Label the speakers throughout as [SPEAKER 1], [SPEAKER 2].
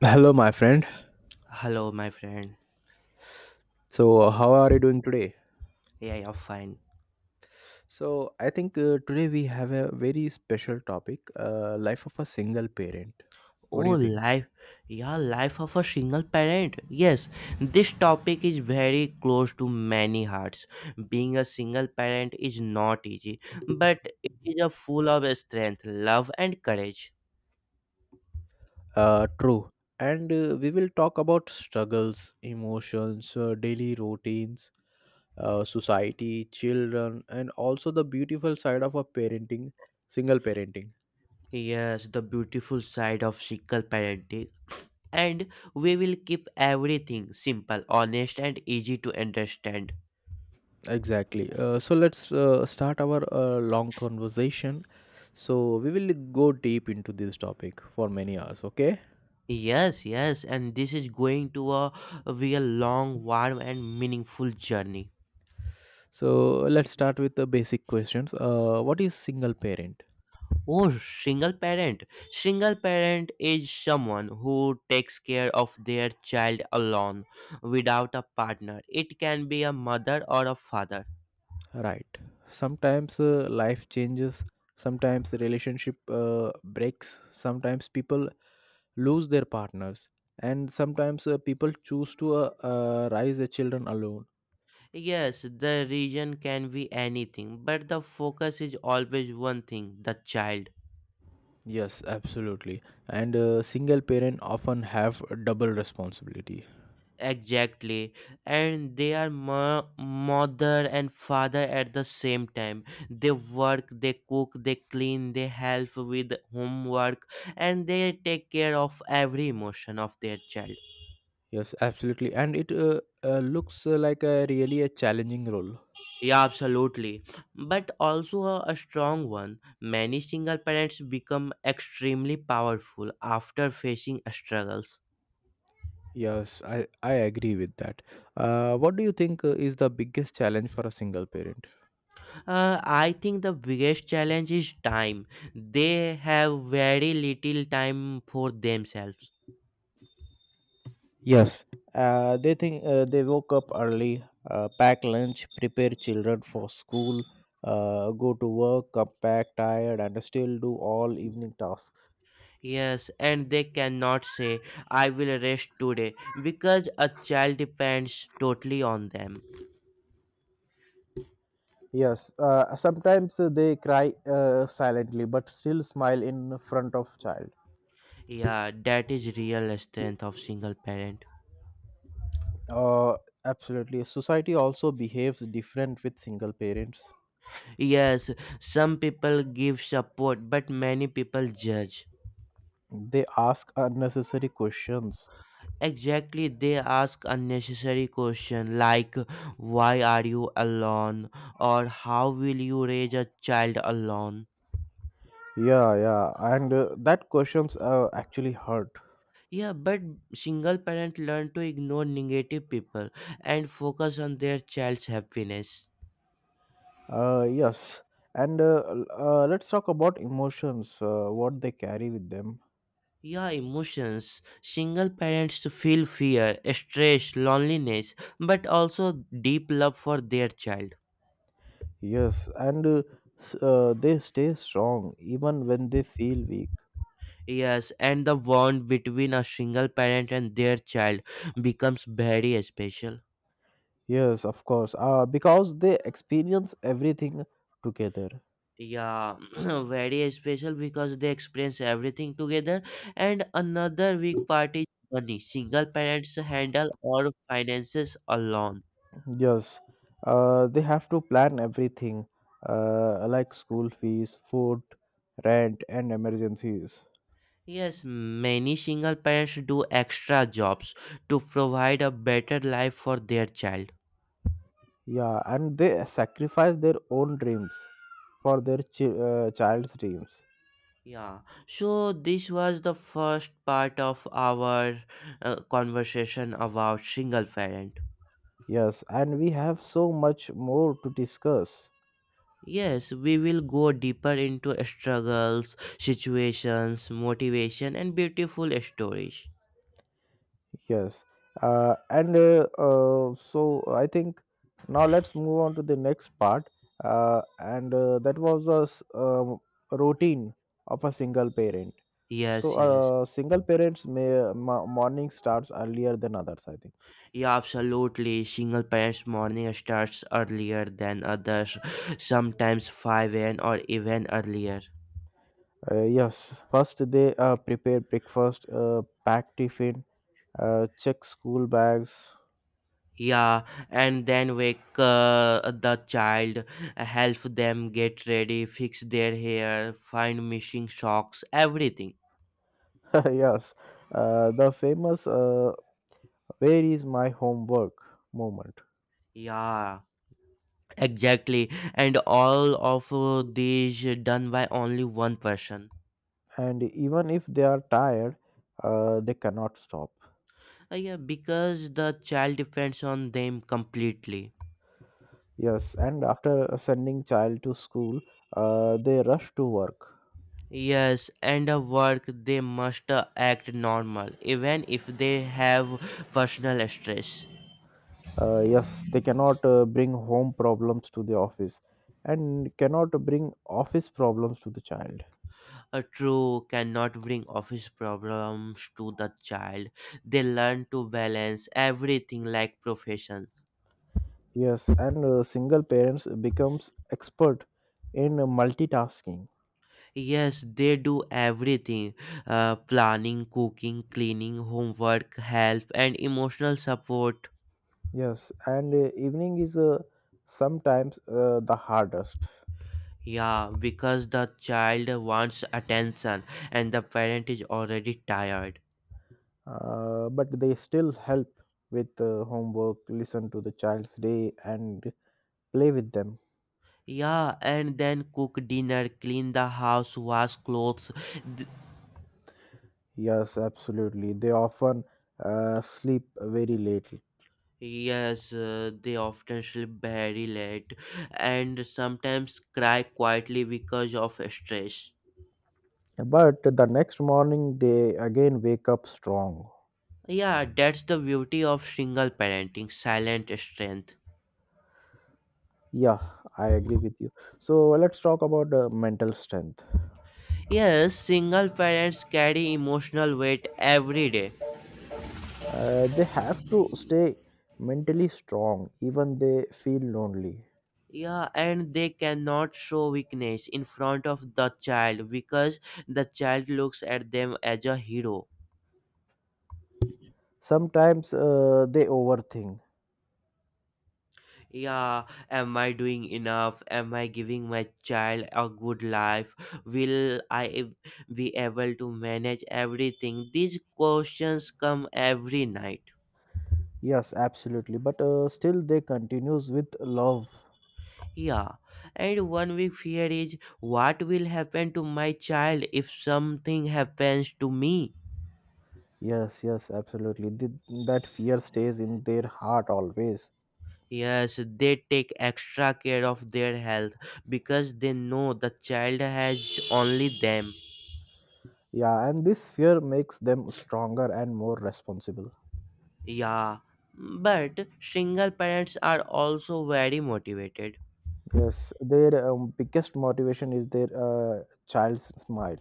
[SPEAKER 1] Hello, my friend.
[SPEAKER 2] Hello, my friend.
[SPEAKER 1] So, how are you doing today?
[SPEAKER 2] Yeah, you're fine.
[SPEAKER 1] So, I think today we have a very special topic, life of a single parent. What do
[SPEAKER 2] Oh,
[SPEAKER 1] you think?
[SPEAKER 2] life, yeah, life of a single parent. Yes, this topic is very close to many hearts. Being a single parent is not easy, but it is a full of strength, love, and courage.
[SPEAKER 1] True. And we will talk about struggles, emotions, daily routines, society, children, and also the beautiful side of a parenting, single parenting.
[SPEAKER 2] Yes, the beautiful side of single parenting. And we will keep everything simple, honest, and easy to understand.
[SPEAKER 1] Exactly. So let's start our long conversation. So we will go deep into this topic for many hours. Okay.
[SPEAKER 2] Yes, yes, and this is going to a, be a long, warm, and meaningful journey.
[SPEAKER 1] So let's start with the basic questions. What is single parent?
[SPEAKER 2] Oh, single parent. Single parent is someone who takes care of their child alone without a partner. It can be a mother or a father.
[SPEAKER 1] Right. Sometimes life changes. Sometimes relationship breaks. Sometimes people lose their partners, and sometimes people choose to raise their children alone.
[SPEAKER 2] Yes, the reason can be anything, but the focus is always one thing the child.
[SPEAKER 1] Yes, absolutely. And single parent often have a double responsibility.
[SPEAKER 2] Exactly, and they are mother and father at the same time. They work, they cook, they clean, they help with homework, and they take care of every emotion of their child.
[SPEAKER 1] Yes, absolutely. And it looks like a really a challenging role.
[SPEAKER 2] Yeah, absolutely. But also a strong one. Many single parents become extremely powerful after facing struggles.
[SPEAKER 1] Yes, I agree with that. What do you think is the biggest challenge for a single parent?
[SPEAKER 2] I think the biggest challenge is time. They have very little time for themselves.
[SPEAKER 1] Yes, they think they woke up early, pack lunch, prepare children for school, go to work, come back tired, and still do all evening tasks.
[SPEAKER 2] Yes, and they cannot say, I will rest today, because a child depends totally on them.
[SPEAKER 1] Yes, sometimes they cry silently but still smile in front of child.
[SPEAKER 2] Yeah, that is real strength of single parent.
[SPEAKER 1] Uh, Absolutely. Society also behaves different with single parents.
[SPEAKER 2] Yes, some people give support, but many people judge.
[SPEAKER 1] They ask unnecessary questions.
[SPEAKER 2] Exactly, they ask unnecessary questions like, why are you alone? Or how will you raise a child alone?
[SPEAKER 1] Yeah, yeah, and that questions actually hurt.
[SPEAKER 2] Yeah, but single parent learn to ignore negative people and focus on their child's happiness.
[SPEAKER 1] Yes, and let's talk about emotions. What they carry with them.
[SPEAKER 2] Yeah, emotions. Single parents feel fear, stress, loneliness, but also deep love for their child.
[SPEAKER 1] Yes, and they stay strong even when they feel weak.
[SPEAKER 2] Yes, and the bond between a single parent and their child becomes very special.
[SPEAKER 1] Yes, of course. Because they experience everything together.
[SPEAKER 2] Yeah, very special because they experience everything together. And another weak part is money. Single parents handle all finances alone.
[SPEAKER 1] Yes, they have to plan everything, like school fees, food, rent, and emergencies.
[SPEAKER 2] Yes, many single parents do extra jobs to provide a better life for their child.
[SPEAKER 1] Yeah, and they sacrifice their own dreams for their child's dreams.
[SPEAKER 2] Yeah, so this was the first part of our conversation about single parent.
[SPEAKER 1] Yes, and we have so much more to discuss.
[SPEAKER 2] Yes, we will go deeper into struggles, situations, motivation, and beautiful stories.
[SPEAKER 1] Yes, and so I think now let's move on to the next part. And that was a routine of a single parent. So,
[SPEAKER 2] Yes, yes.
[SPEAKER 1] single parents' morning starts earlier than others, I think.
[SPEAKER 2] Yeah, absolutely. Single parents' morning starts earlier than others, sometimes 5 a.m. or even earlier.
[SPEAKER 1] Yes, first they prepare breakfast, pack tiffin, check school bags.
[SPEAKER 2] Yeah, and then wake the child, help them get ready, fix their hair, find missing socks, everything.
[SPEAKER 1] Yes, the famous "Where is my homework?" moment.
[SPEAKER 2] Yeah. Exactly, and all of these done by only one person.
[SPEAKER 1] And even if they are tired, they cannot stop.
[SPEAKER 2] Yeah, because the child depends on them completely.
[SPEAKER 1] Yes, and after sending child to school, they rush to work.
[SPEAKER 2] Yes, and the work they must act normal, even if they have personal stress.
[SPEAKER 1] Yes, they cannot bring home problems to the office, and cannot bring office problems to the child.
[SPEAKER 2] A true cannot bring office problems to the child. They learn to balance everything like professions.
[SPEAKER 1] Yes, and single parents becomes expert in multitasking.
[SPEAKER 2] Yes, they do everything planning, cooking, cleaning, homework, help, and emotional support.
[SPEAKER 1] Yes, and evening is sometimes the hardest,
[SPEAKER 2] Yeah, because the child wants attention and the parent is already tired.
[SPEAKER 1] but they still help with homework, listen to the child's day, and play with them.
[SPEAKER 2] Yeah, and then cook dinner, clean the house, wash clothes. Th-
[SPEAKER 1] Yes, absolutely. They often sleep very late,
[SPEAKER 2] yes, they often sleep very late and sometimes cry quietly because of stress.
[SPEAKER 1] but the next morning they again wake up strong.
[SPEAKER 2] Yeah, that's the beauty of single parenting, silent strength.
[SPEAKER 1] Yeah, I agree with you. So let's talk about mental strength.
[SPEAKER 2] Yes, single parents carry emotional weight every day.
[SPEAKER 1] They have to stay mentally strong, even they feel lonely.
[SPEAKER 2] Yeah, and they cannot show weakness in front of the child because the child looks at them as a hero.
[SPEAKER 1] Sometimes they overthink.
[SPEAKER 2] Yeah, am I doing enough? Am I giving my child a good life? Will I be able to manage everything? These questions come every night.
[SPEAKER 1] Yes, absolutely. But still, they continues with love.
[SPEAKER 2] Yeah, and one big fear is what will happen to my child if something happens to me?
[SPEAKER 1] Yes, yes, absolutely. That fear stays in their heart always.
[SPEAKER 2] Yes, they take extra care of their health because they know the child has only them.
[SPEAKER 1] Yeah, and this fear makes them stronger and more responsible.
[SPEAKER 2] Yeah, but single parents are also very motivated.
[SPEAKER 1] Yes, their biggest motivation is their child's smile.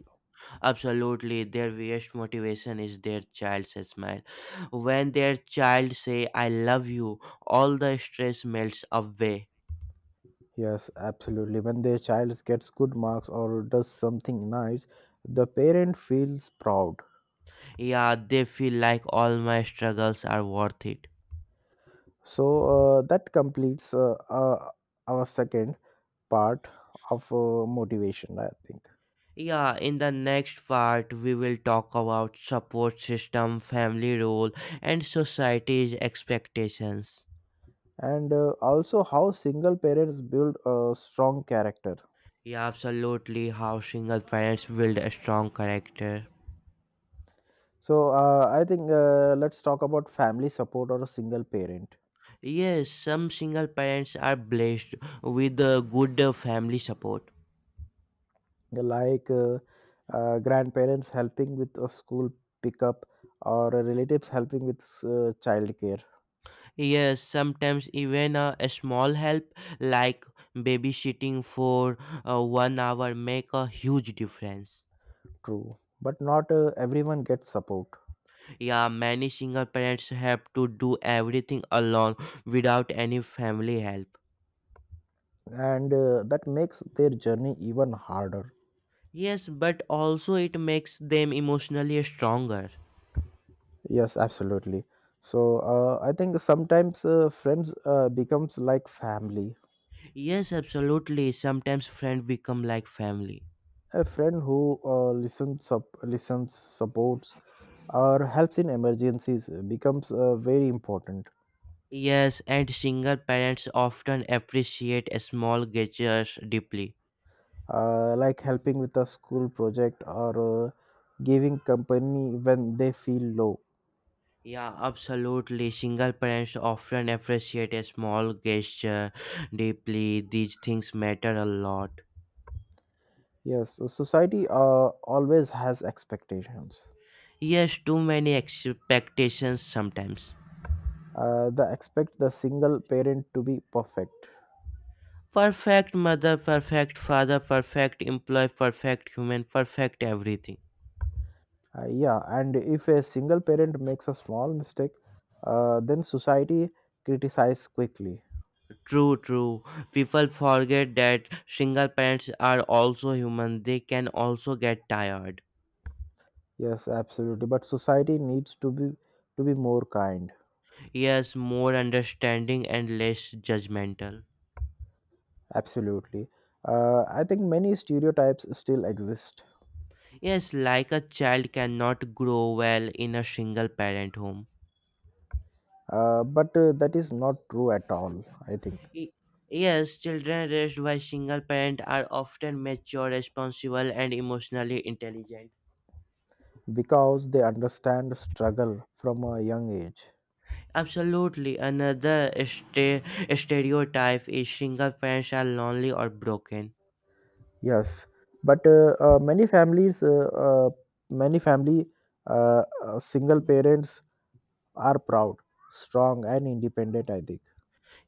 [SPEAKER 2] Absolutely, their biggest motivation is their child's smile. When their child say "I love you," all the stress melts away.
[SPEAKER 1] Yes, absolutely. When their child gets good marks or does something nice, the parent feels proud.
[SPEAKER 2] Yeah, they feel like all my struggles are worth it.
[SPEAKER 1] So that completes our second part of motivation, I think.
[SPEAKER 2] Yeah, in the next part, we will talk about support system, family role, and society's expectations.
[SPEAKER 1] And also how single parents build a strong character.
[SPEAKER 2] Yeah, absolutely, how single parents build a strong character.
[SPEAKER 1] So I think let's talk about family support or a single parent,
[SPEAKER 2] Yes, some single parents are blessed with good family support.
[SPEAKER 1] like grandparents helping with a school pickup or relatives helping with childcare.
[SPEAKER 2] Yes, sometimes even a small help like babysitting for one hour make a huge difference.
[SPEAKER 1] True, but not everyone gets support,
[SPEAKER 2] Yeah, many single parents have to do everything alone without any family help.
[SPEAKER 1] and that makes their journey even harder.
[SPEAKER 2] Yes, but also it makes them emotionally stronger.
[SPEAKER 1] Yes, absolutely. So I think sometimes friends becomes like family.
[SPEAKER 2] Yes, absolutely. Sometimes friends become like family.
[SPEAKER 1] A friend who listens, supports, or helps in emergencies becomes very important.
[SPEAKER 2] Yes, and single parents often appreciate small gestures deeply.
[SPEAKER 1] Like helping with a school project or giving company when they feel low.
[SPEAKER 2] Yeah, absolutely. Single parents often appreciate a small gesture deeply. These things matter a lot.
[SPEAKER 1] Yes, so society always has expectations.
[SPEAKER 2] Yes, too many expectations sometimes.
[SPEAKER 1] They expect the single parent to be perfect.
[SPEAKER 2] Perfect mother, perfect father, perfect employee, perfect human, perfect everything.
[SPEAKER 1] Yeah, and if a single parent makes a small mistake, then society criticizes quickly.
[SPEAKER 2] True, true. People forget that single parents are also human. They can also get tired.
[SPEAKER 1] Yes, absolutely. But society needs to be more kind.
[SPEAKER 2] Yes, more understanding and less judgmental.
[SPEAKER 1] Absolutely. I think many stereotypes still exist,
[SPEAKER 2] Yes, like a child cannot grow well in a single parent home.
[SPEAKER 1] but that is not true at all. I think
[SPEAKER 2] Y- Yes, children raised by single parent are often mature, responsible, and emotionally intelligent.
[SPEAKER 1] because they understand struggle from a young age.
[SPEAKER 2] Absolutely. Another stereotype is single parents are lonely or broken.
[SPEAKER 1] Yes, but many families, many family, single parents are proud, strong, and independent. I think,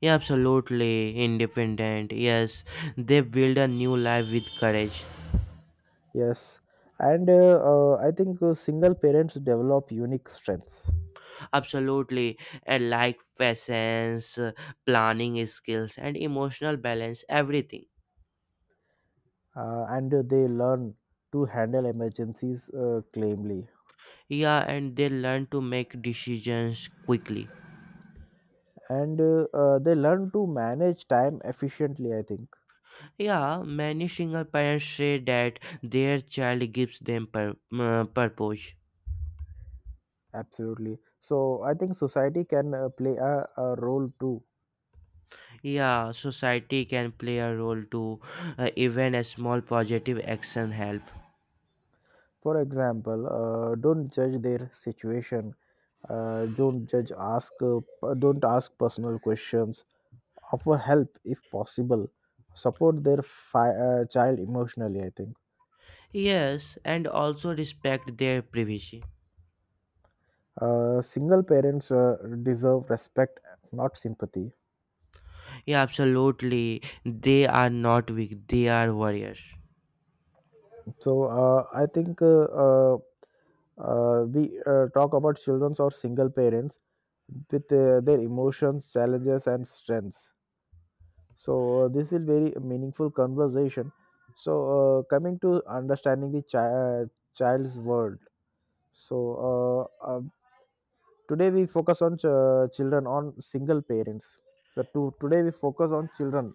[SPEAKER 2] Yeah, absolutely independent. Yes, they build a new life with courage.
[SPEAKER 1] yes, and I think single parents develop unique strengths,
[SPEAKER 2] Absolutely, and like patience, planning skills, and emotional balance. Everything.
[SPEAKER 1] and they learn to handle emergencies calmly,
[SPEAKER 2] Yeah, and they learn to make decisions quickly.
[SPEAKER 1] and they learn to manage time efficiently. I think
[SPEAKER 2] Yeah, many single parents say that their child gives them purpose.
[SPEAKER 1] absolutely. So I think society can play a role too.
[SPEAKER 2] Yeah, society can play a role too. Even a small positive action help.
[SPEAKER 1] For example, don't judge their situation. Don't judge. Ask. Don't ask personal questions. Offer help if possible. Support their child emotionally. I think
[SPEAKER 2] Yes, and also respect their privacy.
[SPEAKER 1] single parents deserve respect, not sympathy.
[SPEAKER 2] Yeah, absolutely. They are not weak. They are warriors.
[SPEAKER 1] So I think we talk about children or single parents with their emotions, challenges, and strengths. So this is very meaningful conversation. So coming to understanding the child's world. So uh, uh, today we focus on children on single parents, the two. Today we focus on children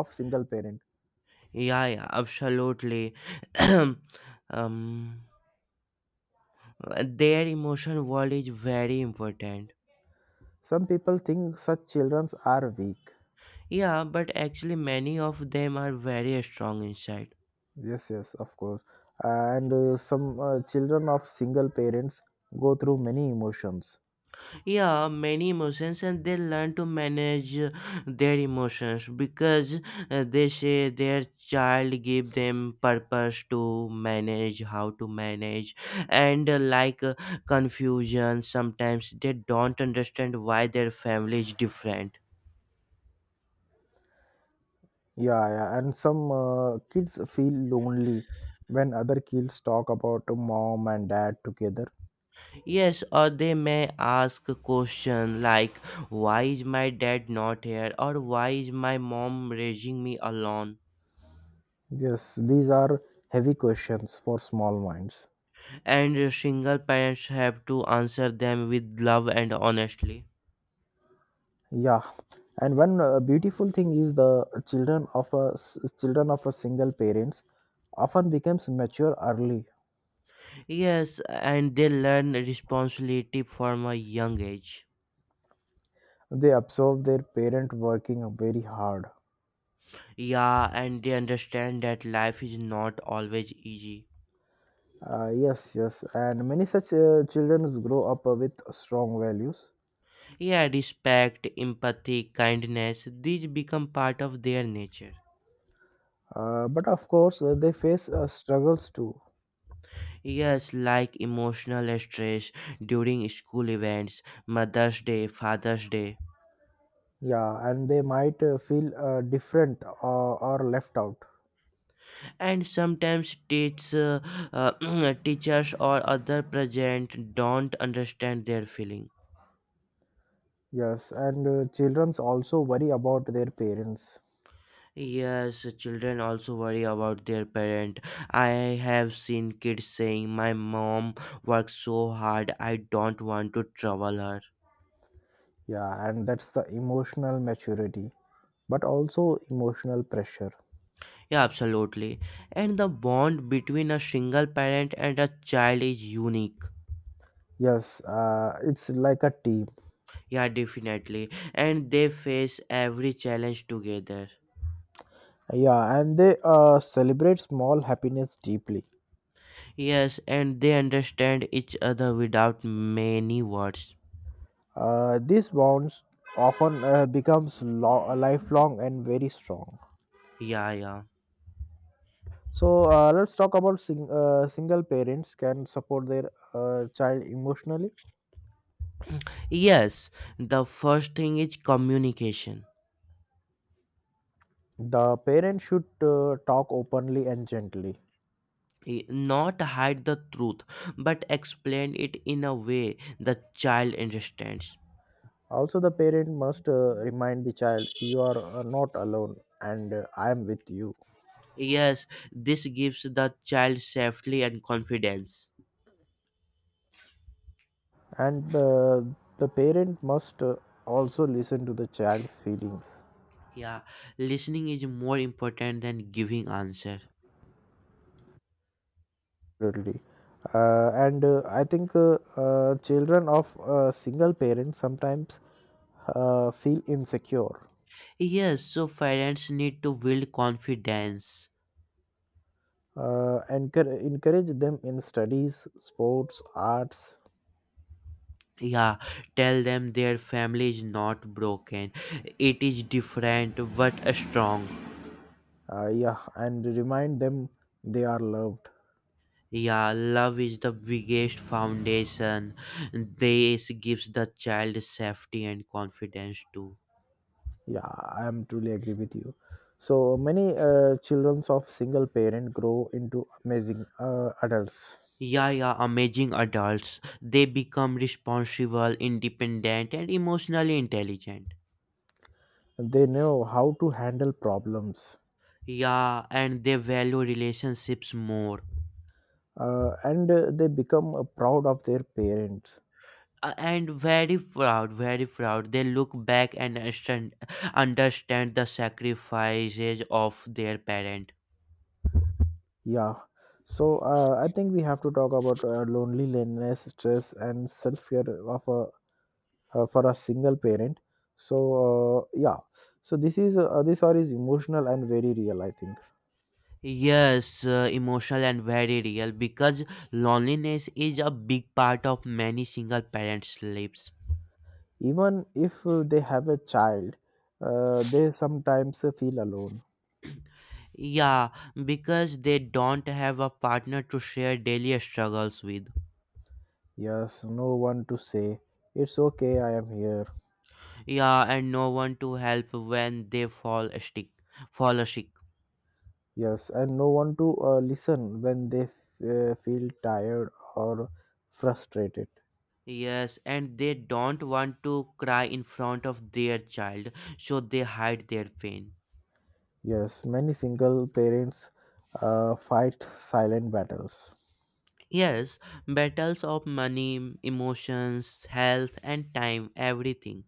[SPEAKER 1] of single parent.
[SPEAKER 2] Yeah, yeah, absolutely. um, their emotional world is very important.
[SPEAKER 1] Some people think such children are weak.
[SPEAKER 2] Yeah, but actually, many of them are very strong inside.
[SPEAKER 1] Yes, yes, of course. And some children of single parents go through many emotions.
[SPEAKER 2] Yeah, many emotions, and they learn to manage their emotions, because they say their child give them purpose to manage how to manage. And like confusion, sometimes they don't understand why their family is different.
[SPEAKER 1] Yeah, yeah. And some kids feel lonely when other kids talk about mom and dad together.
[SPEAKER 2] Yes, or they may ask a question like, why is my dad not here, or why is my mom raising me alone?
[SPEAKER 1] Yes, these are heavy questions for small minds.
[SPEAKER 2] And single parents have to answer them with love and honestly.
[SPEAKER 1] Yeah. And one beautiful thing is the children of children of a single parents often becomes mature early.
[SPEAKER 2] Yes, and they learn responsibility from a young age.
[SPEAKER 1] They observe their parent working very hard.
[SPEAKER 2] Yeah, and they understand that life is not always easy.
[SPEAKER 1] Yes, yes. And many such children grow up with strong values.
[SPEAKER 2] Yeah, respect, empathy, kindness, these become part of their nature.
[SPEAKER 1] But of course, they face struggles too.
[SPEAKER 2] Yes, like emotional stress during school events, Mother's Day, Father's Day,
[SPEAKER 1] Yeah, and they might feel different or left out.
[SPEAKER 2] and sometimes teachers or other present don't understand their feeling.
[SPEAKER 1] Yes, and children's also worry about their parents.
[SPEAKER 2] Yes, children also worry about their parent. I have seen kids saying my mom works so hard, I don't want to trouble her.
[SPEAKER 1] Yeah, and that's the emotional maturity, but also emotional pressure.
[SPEAKER 2] Yeah, absolutely. And the bond between a single parent and a child is unique.
[SPEAKER 1] Yes, it's like a team.
[SPEAKER 2] Yeah, definitely, and they face every challenge together.
[SPEAKER 1] Yeah, and they celebrate small happiness deeply.
[SPEAKER 2] Yes, and they understand each other without many words.
[SPEAKER 1] Uh, these bonds often becomes lifelong and very strong.
[SPEAKER 2] Yeah, yeah.
[SPEAKER 1] So let's talk about single parents can support their child emotionally.
[SPEAKER 2] Yes, the first thing is communication.
[SPEAKER 1] The parent should talk openly and gently.
[SPEAKER 2] Not hide the truth, but explain it in a way the child understands.
[SPEAKER 1] Also, the parent must remind the child, "You are not alone and I am with you."
[SPEAKER 2] Yes, this gives the child safety and confidence.
[SPEAKER 1] And the parent must also listen to the child's feelings.
[SPEAKER 2] Yeah, listening is more important than giving answer.
[SPEAKER 1] Absolutely. And I think children of single parents sometimes feel insecure.
[SPEAKER 2] Yes, so parents need to build confidence.
[SPEAKER 1] Encourage them in studies, sports, arts.
[SPEAKER 2] Yeah, tell them their family is not broken, it is different but strong.
[SPEAKER 1] Yeah, and remind them they are loved.
[SPEAKER 2] Yeah, love is the biggest foundation. This gives the child safety and confidence too.
[SPEAKER 1] Yeah, I am truly agree with you. So many children of single parent grow into amazing adults.
[SPEAKER 2] Yeah, yeah, amazing adults. They become responsible, independent, and emotionally intelligent.
[SPEAKER 1] They know how to handle problems,
[SPEAKER 2] Yeah, and they value relationships more.
[SPEAKER 1] and they become proud of their parents.
[SPEAKER 2] And very proud, very proud. They look back and understand the sacrifices of their parent.
[SPEAKER 1] Yeah. So I think we have to talk about loneliness, stress, and self care of a for a single parent. So yeah. So this are is emotional and very real. I think.
[SPEAKER 2] Yes, emotional and very real because loneliness is a big part of many single parents lives.
[SPEAKER 1] Even if they have a child, they sometimes feel alone.
[SPEAKER 2] Yeah, because they don't have a partner to share daily struggles with.
[SPEAKER 1] Yes, no one to say, "It's okay, I am here."
[SPEAKER 2] Yeah, and no one to help when they fall sick. Fall sick.
[SPEAKER 1] Yes, and no one to listen when they feel tired or frustrated.
[SPEAKER 2] Yes, and they don't want to cry in front of their child, so they hide their pain.
[SPEAKER 1] Yes, many single parents fight silent battles.
[SPEAKER 2] Yes, battles of money, emotions, health, and time, everything.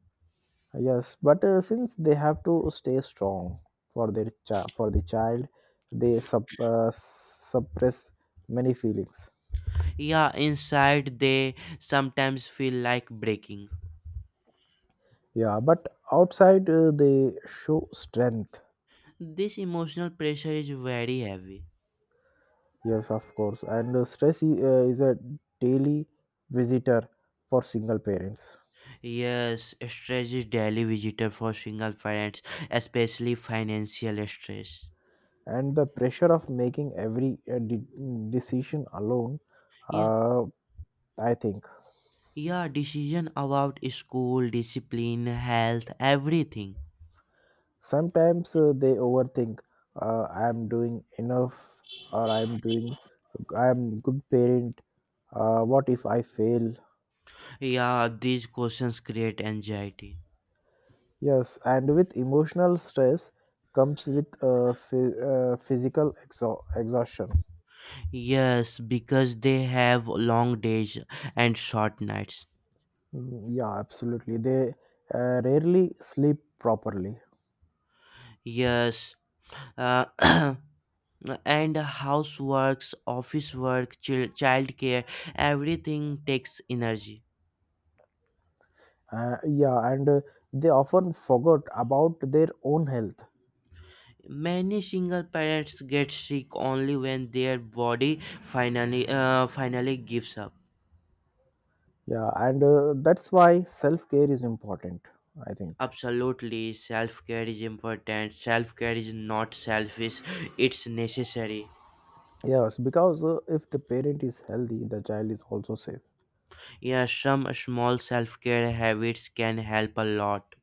[SPEAKER 1] Yes, but since they have to stay strong for the child, they suppress many feelings.
[SPEAKER 2] Yeah, inside they sometimes feel like breaking.
[SPEAKER 1] Yeah, but outside they show strength.
[SPEAKER 2] This emotional pressure is very heavy.
[SPEAKER 1] Yes, of course. And stress is a daily visitor for single parents.
[SPEAKER 2] Yes, stress is daily visitor for single parents, especially financial stress.
[SPEAKER 1] And the pressure of making every decision alone,
[SPEAKER 2] Yeah,
[SPEAKER 1] uh, I think.
[SPEAKER 2] yeah, decision about school, discipline, health, everything.
[SPEAKER 1] Sometimes they overthink, I am doing enough or I am good parent. What if I fail?
[SPEAKER 2] Yeah, these questions create anxiety.
[SPEAKER 1] Yes, and with emotional stress comes with physical exhaustion.
[SPEAKER 2] Yes, because they have long days and short nights.
[SPEAKER 1] Mm, yeah, absolutely. They rarely sleep properly.
[SPEAKER 2] Yes, uh, and houseworks, office work, childcare, everything takes energy.
[SPEAKER 1] Yeah, and they often forgot about their own health.
[SPEAKER 2] Many single parents get sick only when their body finally gives up.
[SPEAKER 1] Yeah, and that's why self care is important, I think.
[SPEAKER 2] Absolutely, self care is important. Self care is not selfish; it's necessary.
[SPEAKER 1] Yes, because if the parent is healthy, the child is also safe.
[SPEAKER 2] Yeah, some small self care habits can help a lot.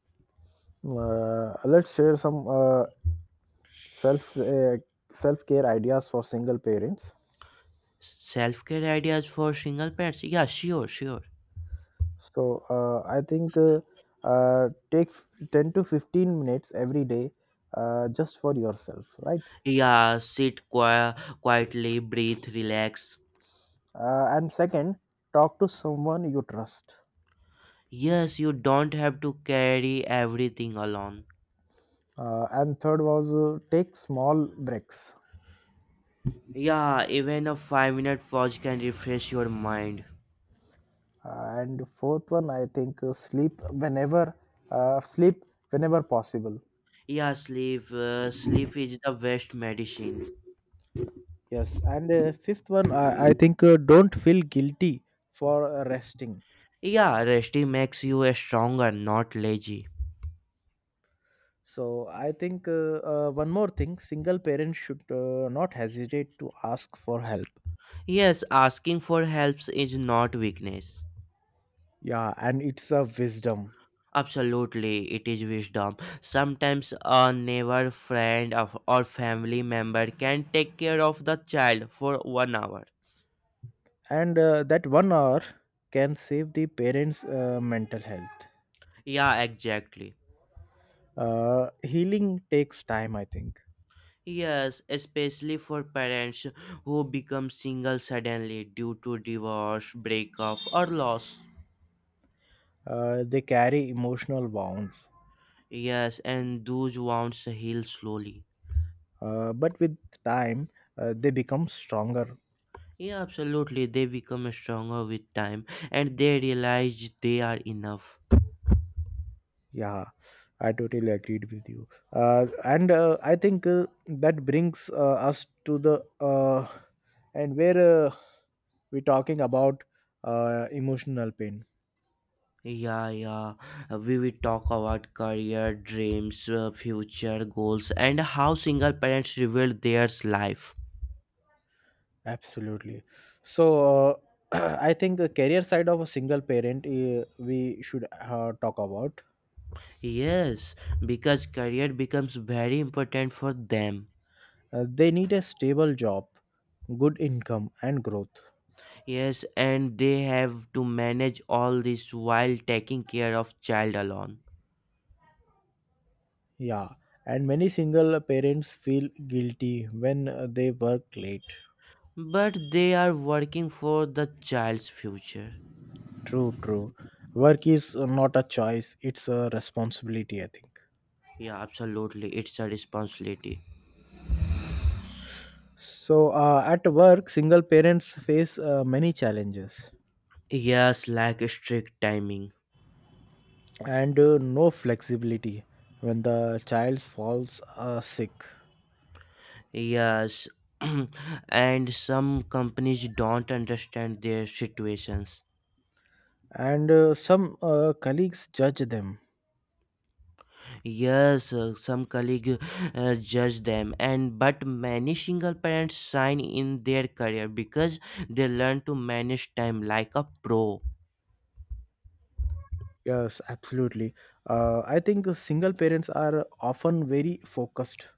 [SPEAKER 1] Let's share some self uh, self care ideas for single parents.
[SPEAKER 2] Self care ideas for single parents? Yeah, sure, sure.
[SPEAKER 1] So I think take 10 to 15 minutes every day, just for yourself, right?
[SPEAKER 2] Yeah, quietly, breathe, relax.
[SPEAKER 1] And second, talk to someone you trust.
[SPEAKER 2] Yes, you don't have to carry everything alone.
[SPEAKER 1] And third was, take small breaks.
[SPEAKER 2] Yeah, even a 5-minute pause can refresh your mind.
[SPEAKER 1] And fourth one, I think sleep whenever possible.
[SPEAKER 2] Yeah, sleep. Sleep is the best medicine.
[SPEAKER 1] Yes, and fifth one, I think don't feel guilty for resting.
[SPEAKER 2] Yeah, resting makes you a stronger, not lazy.
[SPEAKER 1] So I think one more thing, single parents should not hesitate to ask for help.
[SPEAKER 2] Yes, asking for helps is not weakness.
[SPEAKER 1] Yeah, and it's a wisdom,
[SPEAKER 2] Absolutely, it is wisdom. Sometimes a neighbor, friend, or family member can take care of the child for one hour.
[SPEAKER 1] and that 1 hour can save the parents' mental health.
[SPEAKER 2] Yeah, exactly.
[SPEAKER 1] Healing takes time, I think.
[SPEAKER 2] Yes, especially for parents who become single suddenly due to divorce, breakup, or loss.
[SPEAKER 1] They carry emotional wounds,
[SPEAKER 2] Yes, and those wounds heal slowly.
[SPEAKER 1] but with time, they become stronger.
[SPEAKER 2] Yeah, absolutely. They become stronger with time, and they realize they are enough.
[SPEAKER 1] Yeah, I totally agreed with you. And I think that brings us to the, and where we're talking about emotional pain.
[SPEAKER 2] Yeah, yeah. We will talk about career, dreams, future goals, and how single parents reveal their life.
[SPEAKER 1] Absolutely. So I think the career side of a single parent, we should talk about.
[SPEAKER 2] Yes, because career becomes very important for them.
[SPEAKER 1] They need a stable job, good income, and growth.
[SPEAKER 2] Yes, and they have to manage all this while taking care of child alone.
[SPEAKER 1] Yeah, and many single parents feel guilty when they work late.
[SPEAKER 2] But they are working for the child's future.
[SPEAKER 1] True, true. Work is not a choice, it's a responsibility, I think.
[SPEAKER 2] Yeah, absolutely. It's a responsibility.
[SPEAKER 1] So, at work, single parents face many challenges
[SPEAKER 2] Yes, like strict timing.
[SPEAKER 1] and no flexibility when the child falls sick.
[SPEAKER 2] Yes, and some companies don't understand their situations.
[SPEAKER 1] And some colleagues judge them.
[SPEAKER 2] Yes, some colleague judge them, and but many single parents shine in their career because they learn to manage time like a pro.
[SPEAKER 1] Yes, absolutely. I think the single parents are often very focused.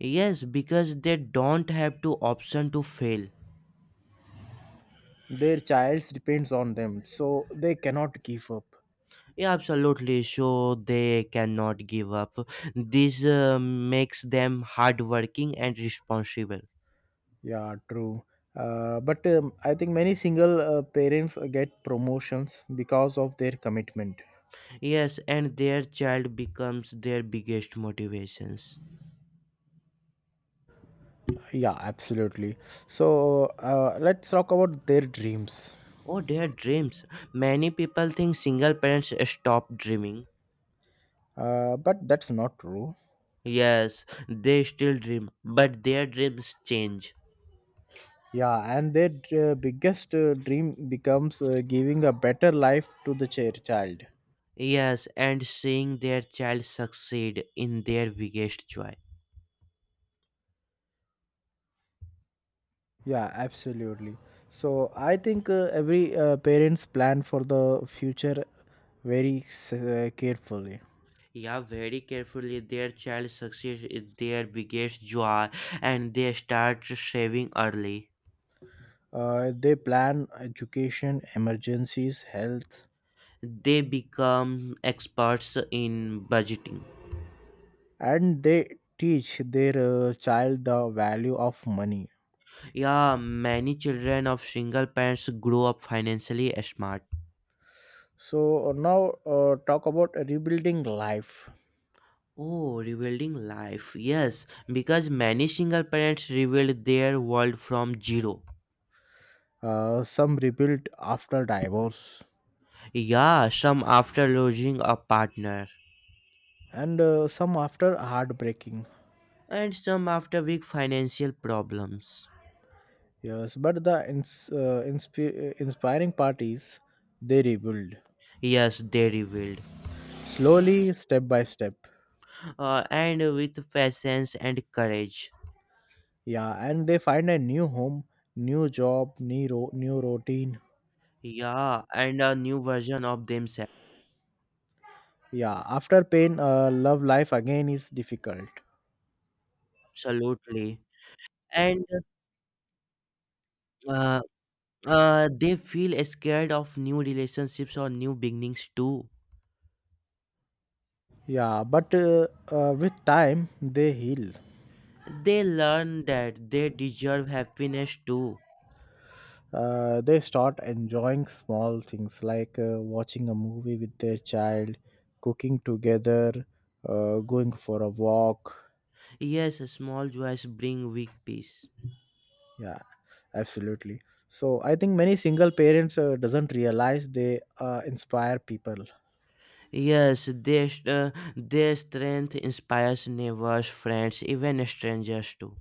[SPEAKER 2] Yes, because they don't have to option to fail.
[SPEAKER 1] Their child depends on them, so they cannot give up.
[SPEAKER 2] Yeah, absolutely. So they cannot give up. This makes them hardworking and responsible.
[SPEAKER 1] Yeah, true. But I think many single parents get promotions because of their commitment.
[SPEAKER 2] Yes, and their child becomes their biggest motivations.
[SPEAKER 1] Yeah, absolutely. So let's talk about their dreams.
[SPEAKER 2] Or their dreams. Many people think single parents stop dreaming.
[SPEAKER 1] But that's not true.
[SPEAKER 2] Yes, they still dream, but their dreams change.
[SPEAKER 1] Yeah, and their biggest dream becomes giving a better life to the child.
[SPEAKER 2] Yes, and seeing their child succeed in their biggest joy.
[SPEAKER 1] Yeah, absolutely. So I think every parents plan for the future carefully.
[SPEAKER 2] Yeah, very carefully, their child succeeds in their biggest joy, and they start saving early.
[SPEAKER 1] They plan education, emergencies, health,
[SPEAKER 2] They become experts in budgeting.
[SPEAKER 1] and they teach their child the value of money.
[SPEAKER 2] Yeah, many children of single parents grow up financially smart.
[SPEAKER 1] So now talk about rebuilding life.
[SPEAKER 2] Oh, rebuilding life. Yes, because many single parents rebuild their world from zero.
[SPEAKER 1] Some rebuild after divorce,
[SPEAKER 2] Yeah, some after losing a partner,
[SPEAKER 1] and some after heartbreaking.
[SPEAKER 2] and some after big financial problems.
[SPEAKER 1] Yes, but the inspiring part is they rebuild
[SPEAKER 2] Yes, they rebuild.
[SPEAKER 1] slowly, step by step.
[SPEAKER 2] And with patience and courage.
[SPEAKER 1] Yeah, and they find a new home, new job, new routine.
[SPEAKER 2] Yeah, and a new version of themselves.
[SPEAKER 1] Yeah, after pain, love life again is difficult.
[SPEAKER 2] Absolutely. And uh, they feel scared of new relationships or new beginnings too.
[SPEAKER 1] Yeah, but with time, they heal.
[SPEAKER 2] They learn that they deserve happiness too.
[SPEAKER 1] They start enjoying small things like watching a movie with their child, cooking together, going for a walk.
[SPEAKER 2] Yes, small joys bring weak peace.
[SPEAKER 1] Yeah, absolutely. So I think many single parents doesn't realize they inspire people.
[SPEAKER 2] Yes, their strength inspires neighbors, friends, even strangers too.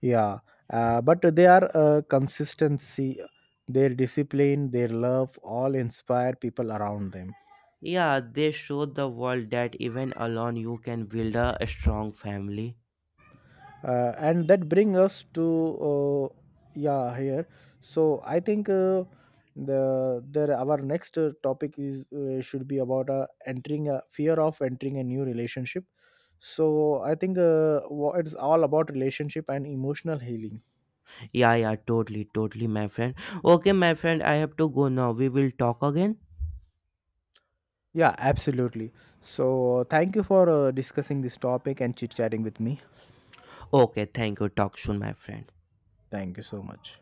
[SPEAKER 1] Yeah, but they are consistency, their discipline, their love, all inspire people around them.
[SPEAKER 2] Yeah, they show the world that even alone you can build a strong family.
[SPEAKER 1] And that brings us to, uh, yeah, here. So I think the there our next topic is should be about entering a fear of entering a new relationship. So I think it's all about relationship and emotional healing.
[SPEAKER 2] Yeah, yeah, totally, totally, my friend. Okay, my friend, I have to go now. We will talk again.
[SPEAKER 1] Yeah, absolutely. So thank you for discussing this topic and chit chatting with me.
[SPEAKER 2] Okay, thank you. Talk soon, my friend.
[SPEAKER 1] Thank you so much.